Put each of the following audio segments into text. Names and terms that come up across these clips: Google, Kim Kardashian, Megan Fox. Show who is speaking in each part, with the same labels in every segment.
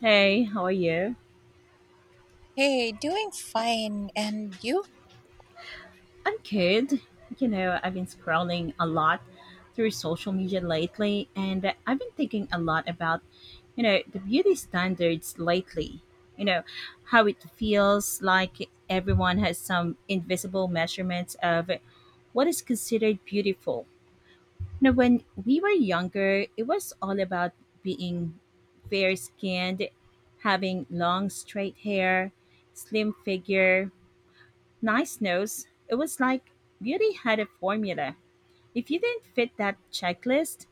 Speaker 1: Hey, how are you?
Speaker 2: Hey, doing fine. And you?
Speaker 1: I'm good. I've been scrolling a lot through social media lately, and I've been thinking a lot about, the beauty standards lately. You know, how it feels like everyone has some invisible measurements of what is considered beautiful. Now, when we were younger, it was all about being fair skinned, having long, straight hair, slim figure, nice nose. It was like beauty had a formula. If you didn't fit that checklist,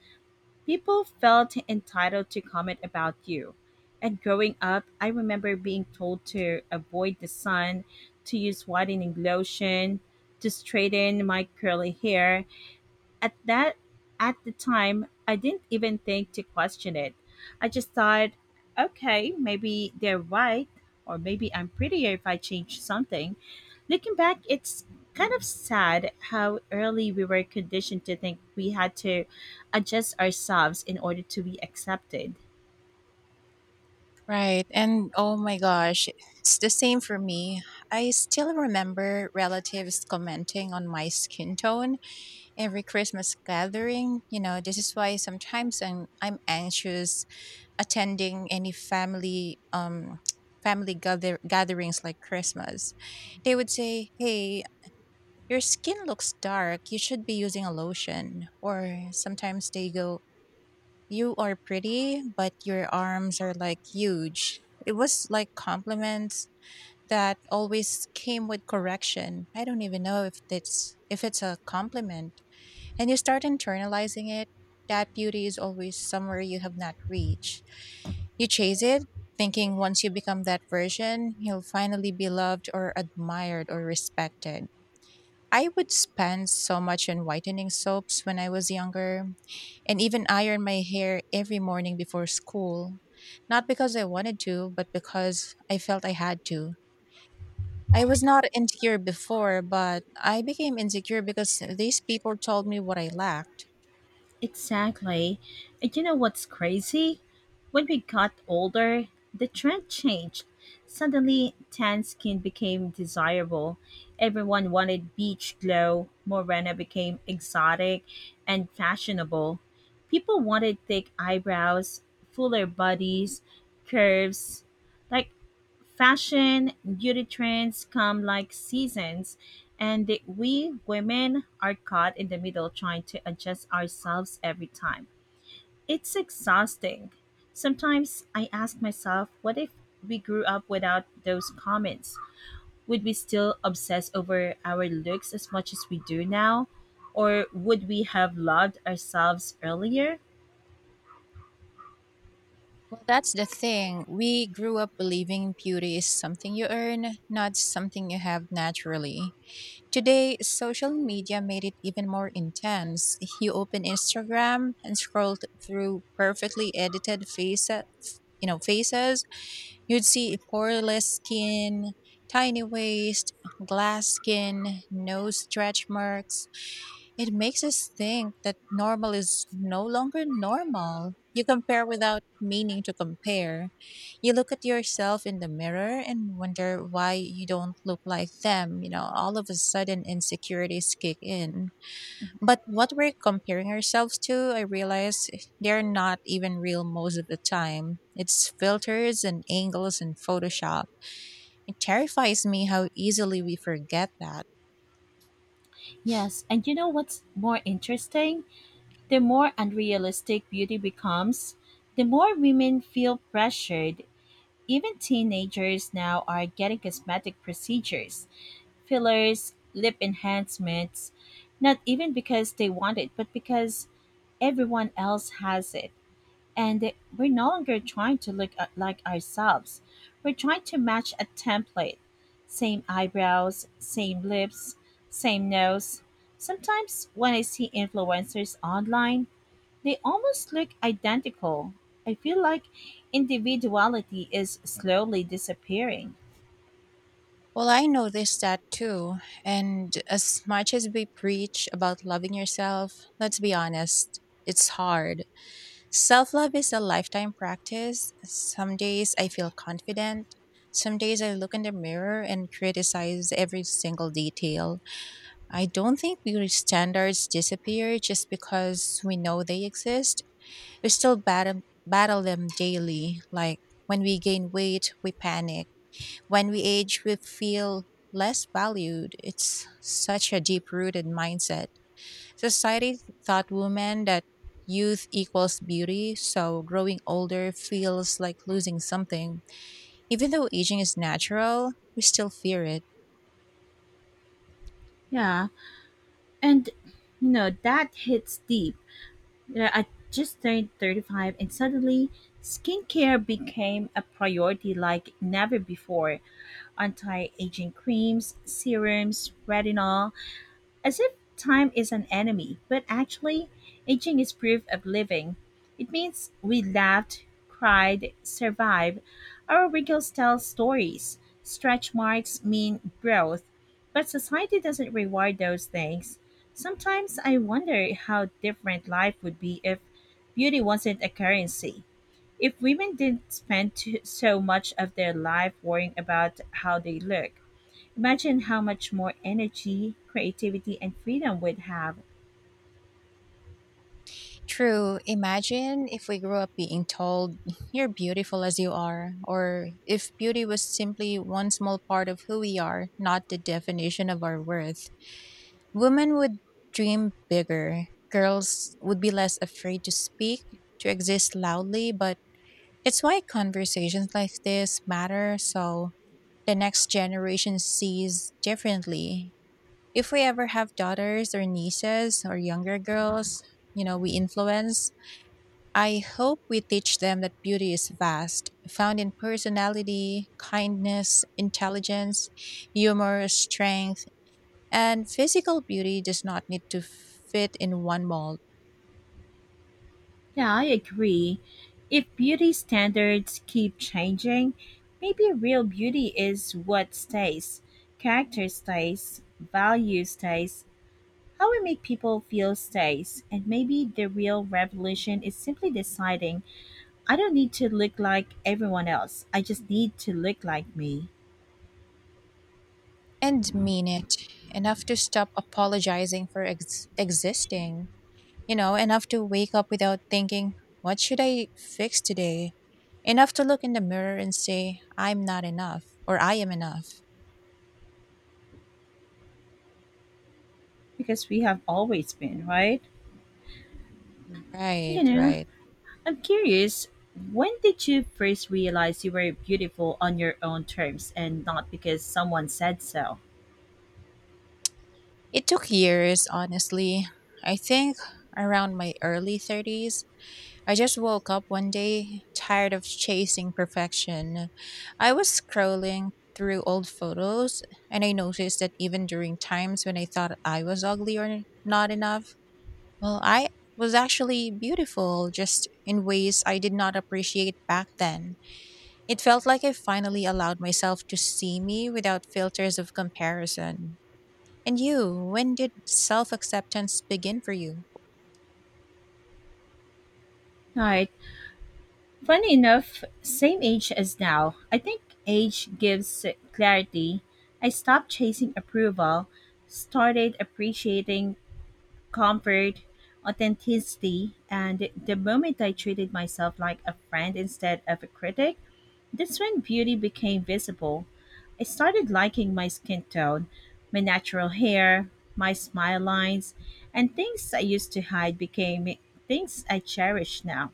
Speaker 1: people felt entitled to comment about you. And growing up, I remember being told to avoid the sun, to use whitening lotion, to straighten my curly hair, at that at the time, I didn't even think to question it. I just thought, okay, maybe they're right, or maybe I'm prettier if I change something. Looking back, it's kind of sad how early we were conditioned to think we had to adjust ourselves in order to be accepted.
Speaker 2: Right. And oh my gosh, it's the same for me. I still remember relatives commenting on my skin tone every Christmas gathering. You know, this is why sometimes I'm anxious attending any family family gather gatherings like Christmas. They would say, "Hey, your skin looks dark. You should be using a lotion." Or sometimes they go, "You are pretty, but your arms are like huge." It was like compliments that always came with correction. I don't even know if it's a compliment. And you start internalizing it. That beauty is always somewhere you have not reached. You chase it, thinking once you become that version, you'll finally be loved or admired or respected. I would spend so much on whitening soaps when I was younger, and even iron my hair every morning before school. Not because I wanted to, but because I felt I had to. I was not insecure before, but I became insecure because these people told me what I lacked.
Speaker 1: Exactly. And you know what's crazy? When we got older, the trend changed. Suddenly, tan skin became desirable. Everyone wanted beach glow. Morena became exotic and fashionable. People wanted thick eyebrows, fuller bodies, curves. Like, fashion beauty trends come like seasons, and we women are caught in the middle trying to adjust ourselves every time. It's exhausting. Sometimes I ask myself, what if we grew up without those comments? Would we still obsess over our looks as much as we do now? Or would we have loved ourselves earlier?
Speaker 2: Well, that's the thing. We grew up believing beauty is something you earn, not something you have naturally. Today, social media made it even more intense. You open Instagram and scroll through perfectly edited faces. You'd see poreless skin, tiny waist, glass skin, no stretch marks. It makes us think that normal is no longer normal. You compare without meaning to compare. You look at yourself in the mirror and wonder why you don't look like them. You know, all of a sudden insecurities kick in. But what we're comparing ourselves to, I realize they're not even real most of the time. It's filters and angles and Photoshop. It terrifies me how easily we forget that.
Speaker 1: Yes, and you know what's more interesting? The more unrealistic beauty becomes, the more women feel pressured. Even teenagers now are getting cosmetic procedures, fillers, lip enhancements, not even because they want it, but because everyone else has it. And we're no longer trying to look like ourselves. We're trying to match a template. Same eyebrows, same lips, same nose. Sometimes when I see influencers online, they almost look identical. I feel like individuality is slowly disappearing.
Speaker 2: Well, I noticed that too. And as much as we preach about loving yourself, let's be honest, it's hard. Self love is a lifetime practice. Some days I feel confident. Some days I look in the mirror and criticize every single detail. I don't think beauty standards disappear just because we know they exist. We still battle them daily. Like when we gain weight, we panic when we age, we feel less valued. It's such a deep rooted mindset. Society taught women that youth equals beauty, so growing older feels like losing something. Even though aging is natural, we still fear it.
Speaker 1: Yeah, and that hits deep. Yeah, I just turned 35 and suddenly skincare became a priority like never before. Anti aging creams, serums, retinol. As if time is an enemy, but actually, aging is proof of living. It means we laughed, cried, survived. Our wrinkles tell stories. Stretch marks mean growth. But society doesn't reward those things. Sometimes I wonder how different life would be if beauty wasn't a currency. If women didn't spend so much of their life worrying about how they look. Imagine how much more energy, creativity, and freedom we'd have.
Speaker 2: True. Imagine if we grew up being told, you're beautiful as you are, or if beauty was simply one small part of who we are, not the definition of our worth. Women would dream bigger. Girls would be less afraid to speak, to exist loudly, but it's why conversations like this matter so the next generation sees differently. If we ever have daughters or nieces or younger girls, you know, we influence, I hope we teach them that beauty is vast, found in personality, kindness, intelligence, humor, strength, and physical beauty does not need to fit in one mold
Speaker 1: Yeah, I agree. If beauty standards keep changing, maybe real beauty is what stays. Character stays, value stays, how we make people feel stays, and maybe the real revolution is simply deciding I don't need to look like everyone else. I just need to look like me
Speaker 2: and mean it. Enough to stop apologizing for existing. You know, enough to wake up without thinking, what should I fix today? Enough to look in the mirror and say, I'm not enough or I am enough.
Speaker 1: because we have always been, right?
Speaker 2: Right,
Speaker 1: You know,
Speaker 2: right.
Speaker 1: I'm curious, when did you first realize you were beautiful on your own terms and not because someone said so?
Speaker 2: It took years, honestly. I think around my early 30s, I just woke up one day tired of chasing perfection. I was scrolling through old photos and I noticed that even during times when I thought I was ugly or not enough, well, I was actually beautiful just in ways I did not appreciate back then. It felt like I finally allowed myself to see me without filters of comparison. And you, when did self acceptance begin for you?
Speaker 1: Right. Funny enough, same age as now. I think age gives clarity. I stopped chasing approval, started appreciating comfort, authenticity, and the moment I treated myself like a friend instead of a critic, that's when beauty became visible. I started liking my skin tone, my natural hair, my smile lines, and things I used to hide became things I cherish now.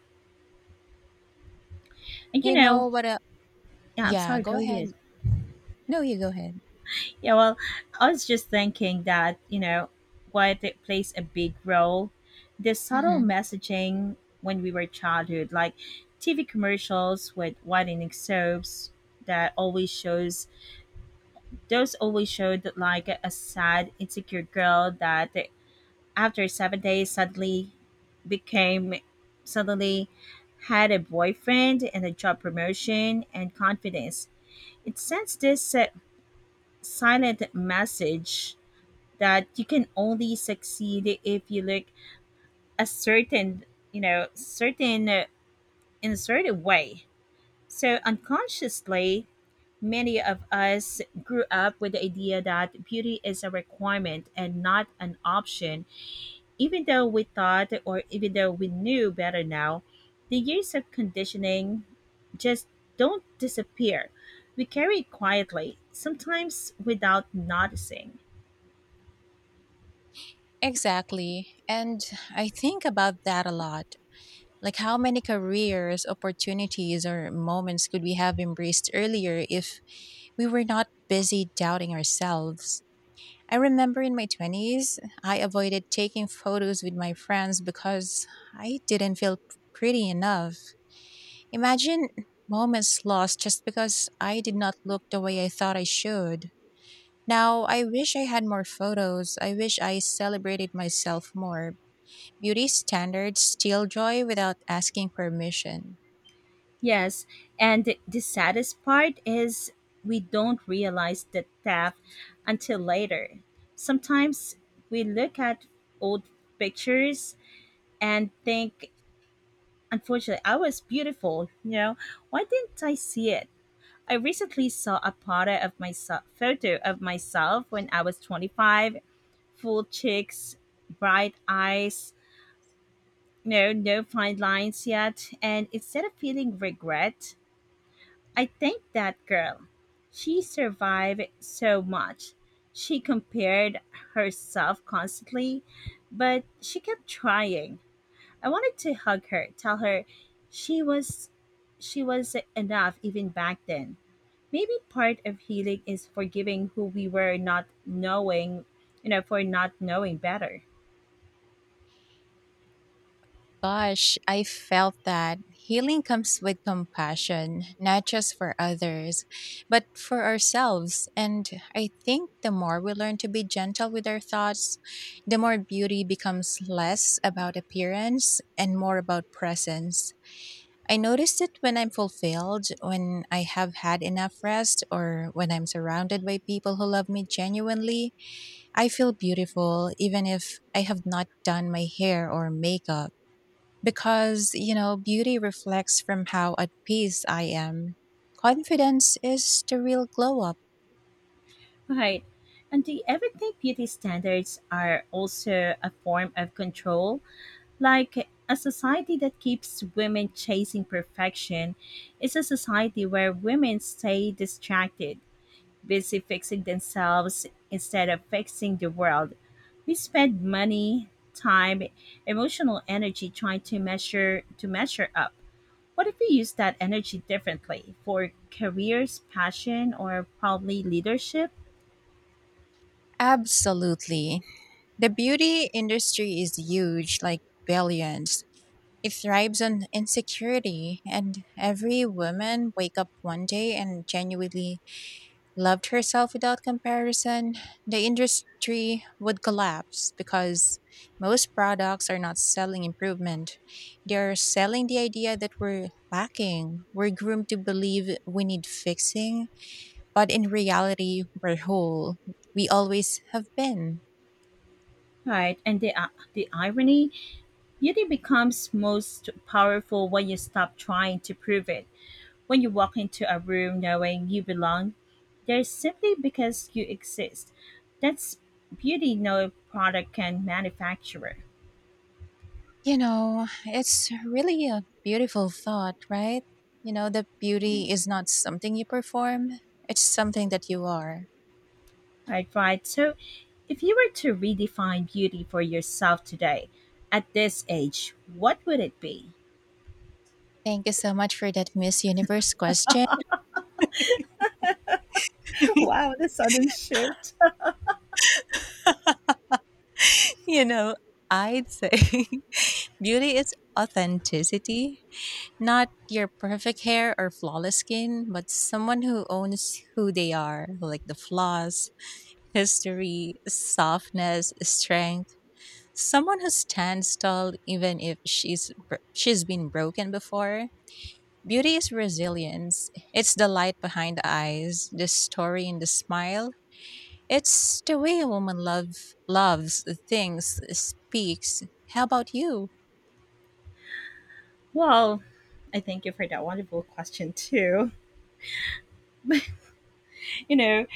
Speaker 1: And you
Speaker 2: You know
Speaker 1: know,
Speaker 2: what? A,
Speaker 1: yeah, I'm
Speaker 2: yeah,
Speaker 1: sorry,
Speaker 2: go
Speaker 1: go
Speaker 2: ahead.
Speaker 1: ahead.
Speaker 2: No, you go ahead.
Speaker 1: Yeah, well, I was just thinking that, while it plays a big role, the subtle
Speaker 2: Mhm.
Speaker 1: messaging when we were childhood, like TV commercials with whitening soaps, that always shows Those always showed like a sad, insecure girl that after 7 days suddenly became suddenly had a boyfriend and a job promotion and confidence. It sends this silent message that you can only succeed if you look a certain, you know, certain in a certain way. So unconsciously, many of us grew up with the idea that beauty is a requirement and not an option, even though we knew better now. The years of conditioning just don't disappear. We carry it quietly, sometimes without noticing.
Speaker 2: Exactly. And I think about that a lot. Like, how many careers, opportunities, or moments could we have embraced earlier if we were not busy doubting ourselves? I remember in my 20s, I avoided taking photos with my friends because I didn't feel pretty enough. Imagine moments lost just because I did not look the way I thought I should. Now, I wish I had more photos. I wish I celebrated myself more. Beauty standards steal joy without asking permission.
Speaker 1: Yes, and the saddest part is we don't realize the theft until later. Sometimes we look at old pictures and think, unfortunately, I was beautiful. Why didn't I see it? I recently saw a photo of myself when I was 25, full cheeks, bright eyes, no fine lines yet. And instead of feeling regret, I thank that girl. She survived so much. She compared herself constantly, but she kept trying. I wanted to hug her, tell her she was she was enough even back then. Maybe part of healing is forgiving who we were not knowing, for not knowing better.
Speaker 2: Gosh, I felt that healing comes with compassion, not just for others, but for ourselves. And I think the more we learn to be gentle with our thoughts, the more beauty becomes less about appearance and more about presence. I notice it when I'm fulfilled, when I have had enough rest, or when I'm surrounded by people who love me genuinely. I feel beautiful even if I have not done my hair or makeup because, you know, beauty reflects from how at peace I am. Confidence is the real glow up.
Speaker 1: Right. And do you ever think beauty standards are also a form of control? Like a society that keeps women chasing perfection is a society where women stay distracted, busy fixing themselves instead of fixing the world. We spend money, time, emotional energy trying to measure up. What if we use that energy differently for careers, passion, or probably leadership?
Speaker 2: Absolutely. The beauty industry is huge, like billions. It thrives on insecurity, and every woman wake up one day and genuinely loved herself without comparison, the industry would collapse because most products are not selling improvement. They're selling the idea that we're lacking. We're groomed to believe we need fixing, but in reality, we're whole. We always have been.
Speaker 1: Right, and the irony, beauty becomes most powerful when you stop trying to prove it, when you walk into a room knowing you belong there simply because you exist. That's beauty no product can manufacture.
Speaker 2: You know, it's really a beautiful thought, right? You know, that beauty
Speaker 1: Mhm.
Speaker 2: is not something you perform, it's something that you are.
Speaker 1: Right, right. So, if you were to redefine beauty for yourself today, at this age, what would it be?
Speaker 2: Thank you so much for that Miss Universe question.
Speaker 1: Wow, the sudden shift.
Speaker 2: You know, I'd say beauty is authenticity, not your perfect hair or flawless skin, but someone who owns who they are, like the flaws, history, softness, strength. Someone who stands tall even if she's been broken before. Beauty is resilience. It's the light behind the eyes, the story in the smile, it's the way a woman loves the things speaks. How about you?
Speaker 1: Well, I thank you for that wonderful question too. You know,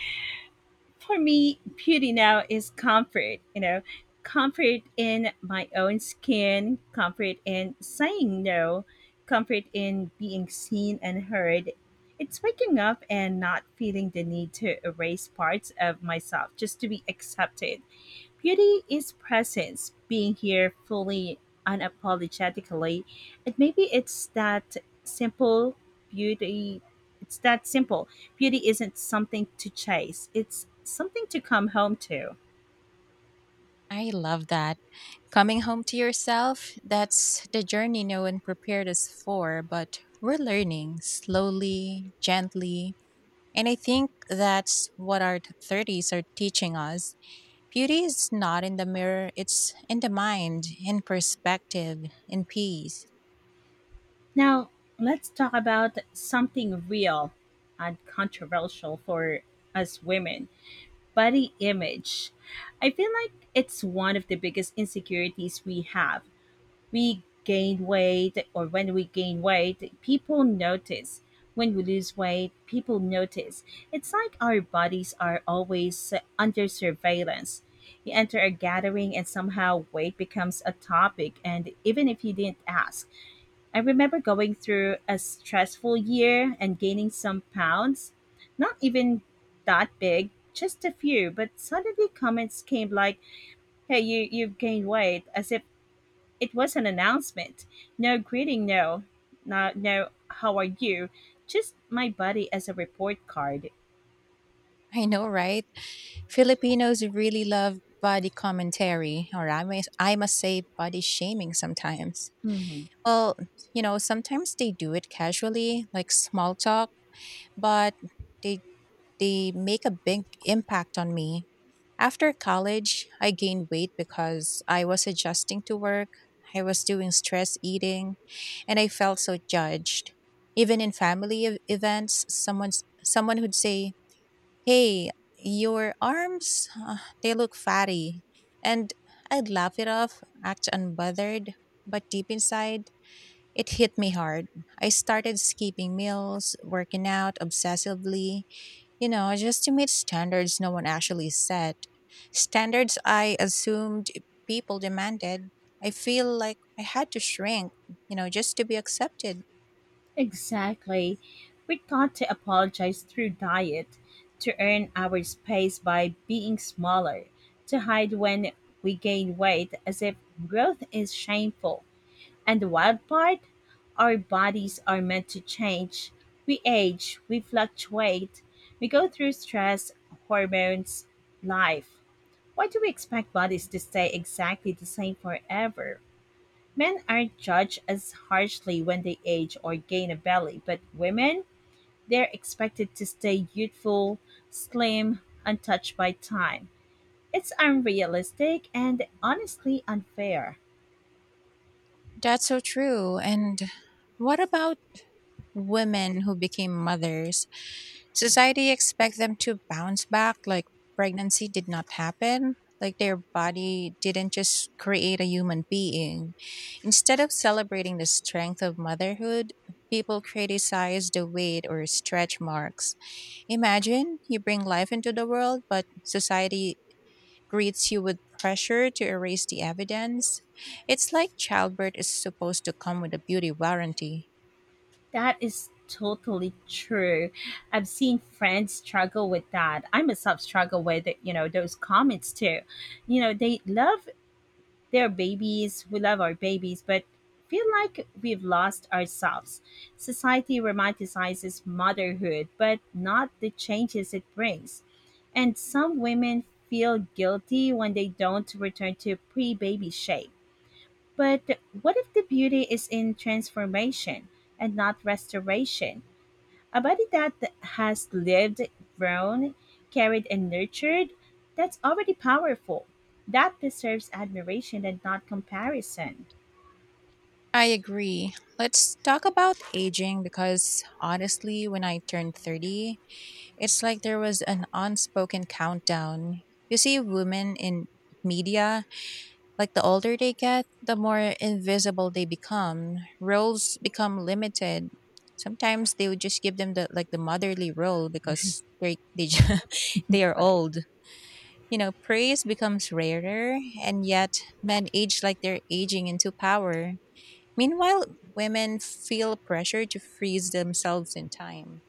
Speaker 1: for me, beauty now is comfort, comfort in my own skin, comfort in saying no, comfort in being seen and heard. It's waking up and not feeling the need to erase parts of myself just to be accepted. Beauty is presence, being here fully, unapologetically. And maybe it's that simple beauty. It's that simple. Beauty isn't something to chase, it's something to come home to.
Speaker 2: I love that. Coming home to yourself, that's the journey no one prepared us for, but we're learning slowly, gently. And I think that's what our 30s are teaching us. Beauty is not in the mirror, it's in the mind, in perspective, in peace.
Speaker 1: Now, let's talk about something real and controversial for us women, body image. I feel like it's one of the biggest insecurities we have. We gain weight or when we gain weight, people notice. When we lose weight, people notice. It's like our bodies are always under surveillance. You enter a gathering and somehow weight becomes a topic, and even if you didn't ask. I remember going through a stressful year and gaining some pounds, not even that big, just a few, but suddenly comments came like, hey, you've gained weight, as if it was an announcement. No greeting, no, no, no, how are you? Just my body as a report card.
Speaker 2: I know, right? Filipinos really love body commentary, or I must say, body shaming sometimes.
Speaker 1: Hmm.
Speaker 2: Well, you know, sometimes they do it casually, like small talk, but they they make a big impact on me. After college, I gained weight because I was adjusting to work, I was doing stress eating, and I felt so judged. Even in family events, someone would say, "Hey, your arms, they look fatty." And I'd laugh it off, act unbothered. But deep inside, it hit me hard. I started skipping meals, working out obsessively, you know, just to meet standards no one actually set. Standards I assumed people demanded. I feel like I had to shrink, you know, just to be accepted.
Speaker 1: Exactly. We got to apologize through diet, to earn our space by being smaller, to hide when we gain weight as if growth is shameful. And the wild part? Our bodies are meant to change. We age, we fluctuate, we go through stress, hormones, life. Why do we expect bodies to stay exactly the same forever? Men aren't judged as harshly when they age or gain a belly, but women, they're expected to stay youthful, slim, untouched by time. It's unrealistic and honestly unfair.
Speaker 2: That's so true. And what about women who became mothers? Society expect them to bounce back like pregnancy did not happen. Like their body didn't just create a human being. Instead of celebrating the strength of motherhood, people criticize the weight or stretch marks. Imagine you bring life into the world, but society greets you with pressure to erase the evidence. It's like childbirth is supposed to come with a beauty warranty.
Speaker 1: That is totally true. I've seen friends struggle with that. I myself struggle with, those comments too. You know, they love They're babies. We love our babies, but feel like we've lost ourselves. Society romanticizes motherhood, but not the changes it brings. And some women feel guilty when they don't return to pre baby shape. But what if the beauty is in transformation and not restoration? A body that has lived, grown, carried, and nurtured, that's already powerful. That deserves admiration and not comparison.
Speaker 2: I agree. Let's talk about aging because honestly, when I turned 30, it's like there was an unspoken countdown. You see women in media, like the older they get, the more invisible they become. Roles become limited. Sometimes they would just give them the like the motherly role
Speaker 1: Right,
Speaker 2: because they are
Speaker 1: right.
Speaker 2: old. You know, praise becomes rarer and yet men age like they're aging into power. Meanwhile, women feel pressure to freeze themselves in time.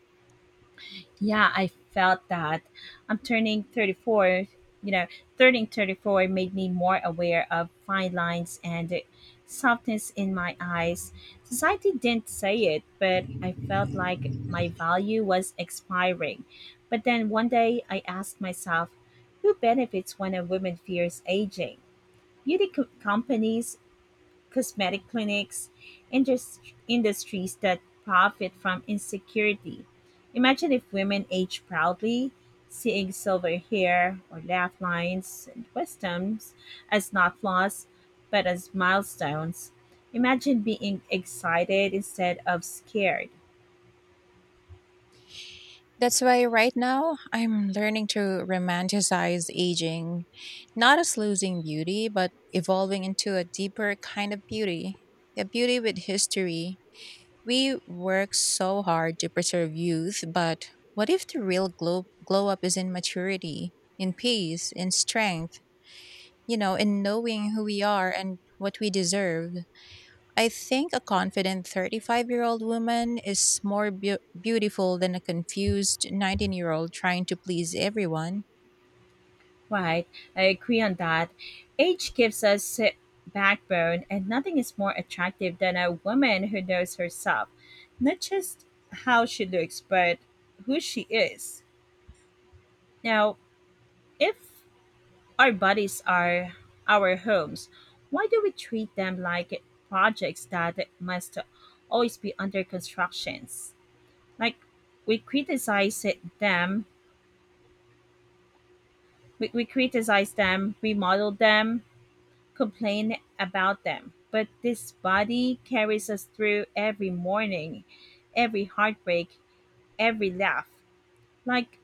Speaker 1: Yeah, I felt that. I'm turning 34. You know, turning 34 made me more aware of fine lines and the softness in my eyes. Society didn't say it, but I felt like my value was expiring. But then one day I asked myself, who benefits when a woman fears aging? Beauty companies, cosmetic clinics, indus- industries that profit from insecurity. Imagine if women age proudly, seeing silver hair or laugh lines and wisdoms as not flaws, but as milestones. Imagine being excited instead of scared.
Speaker 2: That's why right now I'm learning to romanticize aging, not as losing beauty, but evolving into a deeper kind of beauty, a beauty with history. We work so hard to preserve youth, but what if the real glow up is in maturity, in peace, in strength, you know, in knowing who we are and what we deserve? I think a confident 35-year-old woman is more beautiful than a confused 19-year-old trying to please everyone.
Speaker 1: Right, I agree on that. Age gives us backbone, and nothing is more attractive than a woman who knows herself, not just how she looks, but who she is. Now, if our bodies are our homes, why do we treat them like projects that must always be under constructions? Like we criticize it- them, we criticize them, we model them, complain about them, but this body carries us through every morning, every heartbreak, every laugh. Like,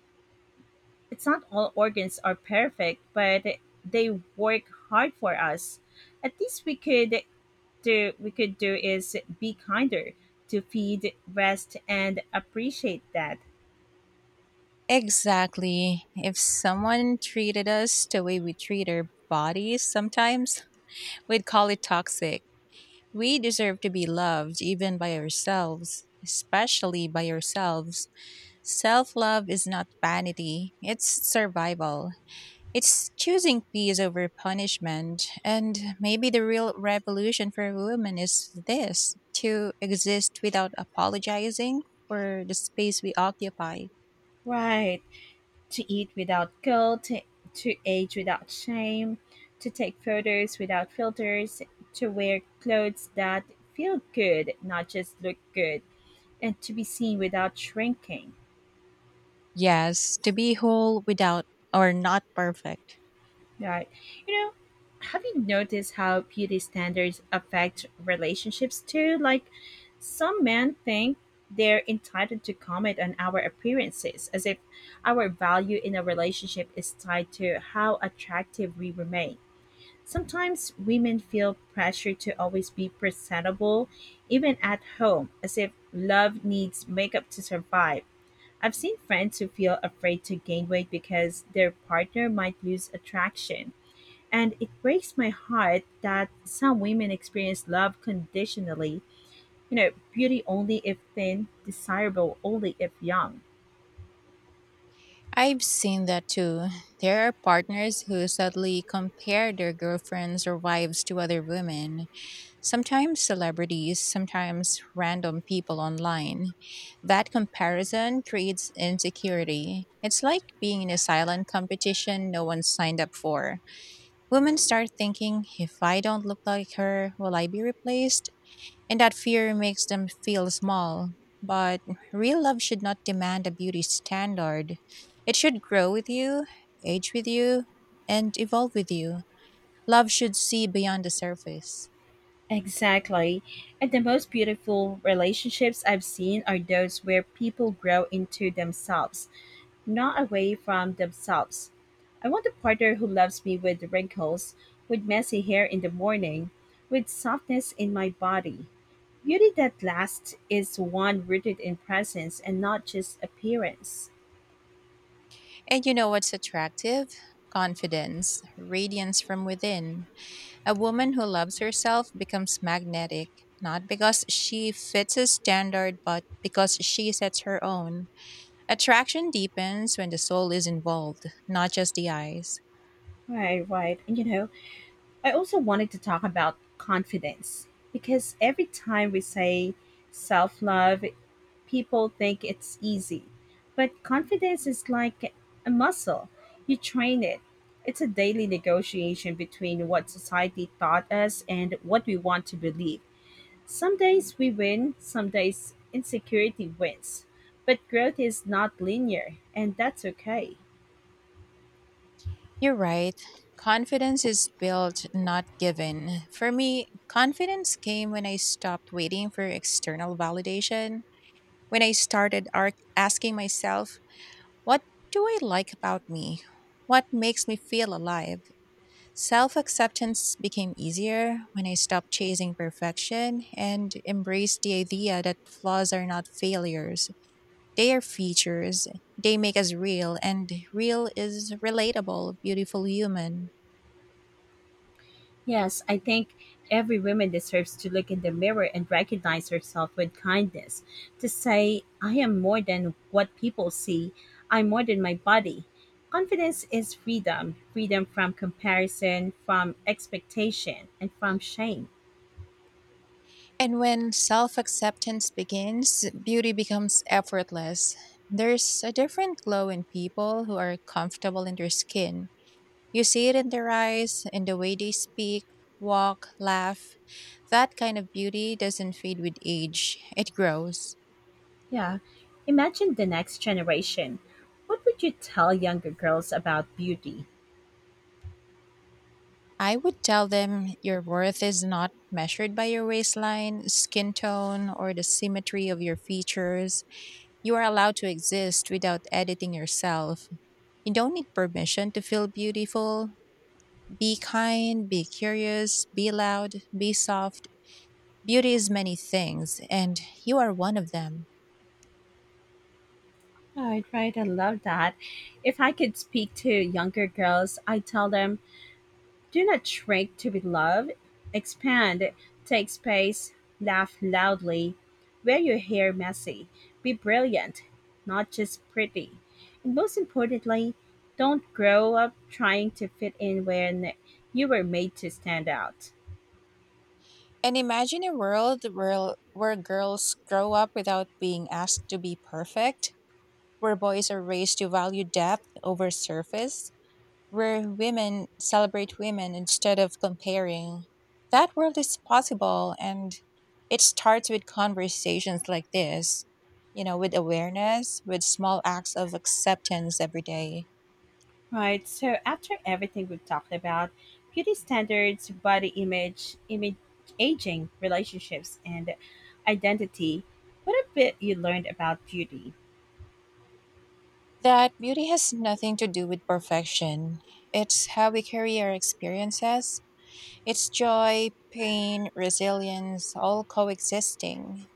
Speaker 1: it's not all organs are perfect, but they work hard for us. At least we could do is be kinder, to feed, rest and appreciate that.
Speaker 2: Exactly. If someone treated us the way we treat our bodies sometimes, we'd call it toxic. We deserve to be loved even by ourselves, especially by ourselves. Self love is not vanity, it's survival. It's choosing peace over punishment. And maybe the real revolution for women is this: to exist without apologizing for the space we occupy.
Speaker 1: Right. To eat without guilt, to age without shame, to take photos without filters, to wear clothes that feel good, not just look good, and to be seen without shrinking.
Speaker 2: Yes, to be whole without or not perfect.
Speaker 1: Right? You know, have you noticed how beauty standards affect relationships too? Like, some men think they're entitled to comment on our appearances as if our value in a relationship is tied to how attractive we remain. Sometimes women feel pressure to always be presentable, even at home, as if love needs makeup to survive. I've seen friends who feel afraid to gain weight because their partner might lose attraction. And it breaks my heart that some women experience love conditionally. Beauty only if thin, desirable only if young.
Speaker 2: I've seen that too. There are partners who sadly compare their girlfriends or wives to other women, sometimes celebrities, sometimes random people online. That comparison creates insecurity. It's like being in a silent competition no one signed up for. Women start thinking, if I don't look like her, will I be replaced? And that fear makes them feel small. But real love should not demand a beauty standard. It should grow with you, age with you, and evolve with you. Love should see beyond the surface.
Speaker 1: Exactly. And the most beautiful relationships I've seen are those where people grow into themselves, not away from themselves. I want a partner who loves me with wrinkles, with messy hair in the morning, with softness in my body. Beauty that lasts is one rooted in presence and not just appearance.
Speaker 2: And you know what's attractive? Confidence, radiance from within. A woman who loves herself becomes magnetic, not because she fits a standard, but because she sets her own. Attraction deepens when the soul is involved, not just the eyes.
Speaker 1: Right, right. And I also wanted to talk about confidence because every time we say self love, people think it's easy. But confidence is like a muscle. You train it. It's a daily negotiation between what society taught us and what we want to believe. Some days we win, some days insecurity wins. But growth is not linear, and that's okay.
Speaker 2: You're right. Confidence is built, not given. For me, confidence came when I stopped waiting for external validation. When I started asking myself, what do I like about me? What makes me feel alive? Self acceptance became easier when I stopped chasing perfection and embraced the idea that flaws are not failures. They are features. They make us real, and real is relatable, beautiful human.
Speaker 1: Yes, I think every woman deserves to look in the mirror and recognize herself with kindness. To say, I am more than what people see, I'm more than my body. Confidence is freedom from comparison, from expectation, and from shame.
Speaker 2: And when self acceptance begins, beauty becomes effortless. There's a different glow in people who are comfortable in their skin. You see it in their eyes, in the way they speak, walk, laugh. That kind of beauty doesn't fade with age, it grows.
Speaker 1: Yeah. Imagine the next generation. What would you tell younger girls about beauty?
Speaker 2: I would tell them your worth is not measured by your waistline, skin tone, or the symmetry of your features. You are allowed to exist without editing yourself. You don't need permission to feel beautiful. Be kind, be curious, be loud, be soft. Beauty is many things, and you are one of them.
Speaker 1: Right, right. I love that. If I could speak to younger girls, I tell them, do not shrink to be loved. Expand, take space, laugh loudly. Wear your hair messy. Be brilliant, not just pretty. And most importantly, don't grow up trying to fit in when you were made to stand out.
Speaker 2: And imagine a world where girls grow up without being asked to be perfect, where boys are raised to value depth over surface, where women celebrate women instead of comparing. That world is possible, and it starts with conversations like this, you know, with awareness, with small acts of acceptance every day.
Speaker 1: Right, so after everything we've talked about, beauty standards, body image, image aging, relationships, and identity, what a bit you learned about beauty?
Speaker 2: That beauty has nothing to do with perfection. It's how we carry our experiences, it's joy, pain, resilience, all coexisting.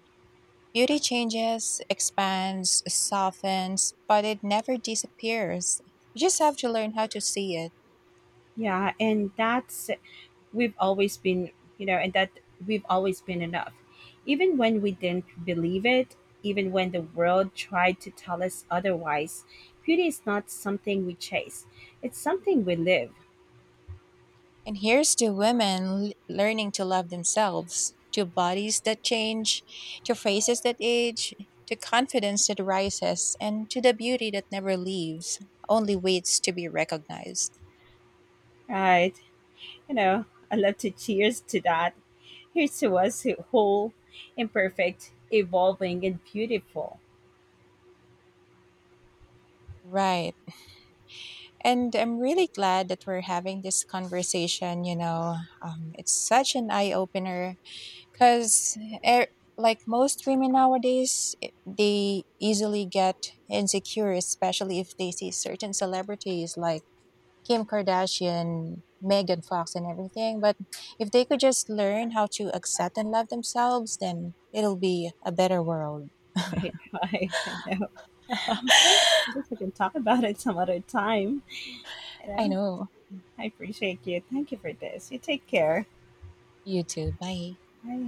Speaker 2: Beauty changes, expands, softens, but it never disappears. You just have to learn how to see it.
Speaker 1: Yeah, and that's we've always been, you know, and that we've always been enough. Even when we didn't believe it, even when the world tried to tell us otherwise, beauty is not something we chase, it's something we live,
Speaker 2: And here's to women learning to love themselves, to bodies that change, to faces that age, to confidence that rises, and to the beauty that never leaves, only waits to be recognized.
Speaker 1: right? You know, I love to cheers to that. Here's to us who whole, imperfect, evolving, and beautiful.
Speaker 2: Right. And I'm really glad that we're having this conversation. You know, it's such an eye opener because, like most women nowadays, they easily get insecure, especially if they see certain celebrities like Kim Kardashian, Megan Fox, and everything. But if they could just learn how to accept and love themselves, then it'll be a better world.
Speaker 1: Right, right. I know. Yeah, I guess we can talk about it some other time. You
Speaker 2: I
Speaker 1: know,
Speaker 2: know.
Speaker 1: I appreciate you. Thank you for this. You take care.
Speaker 2: You too. Bye.
Speaker 1: Bye.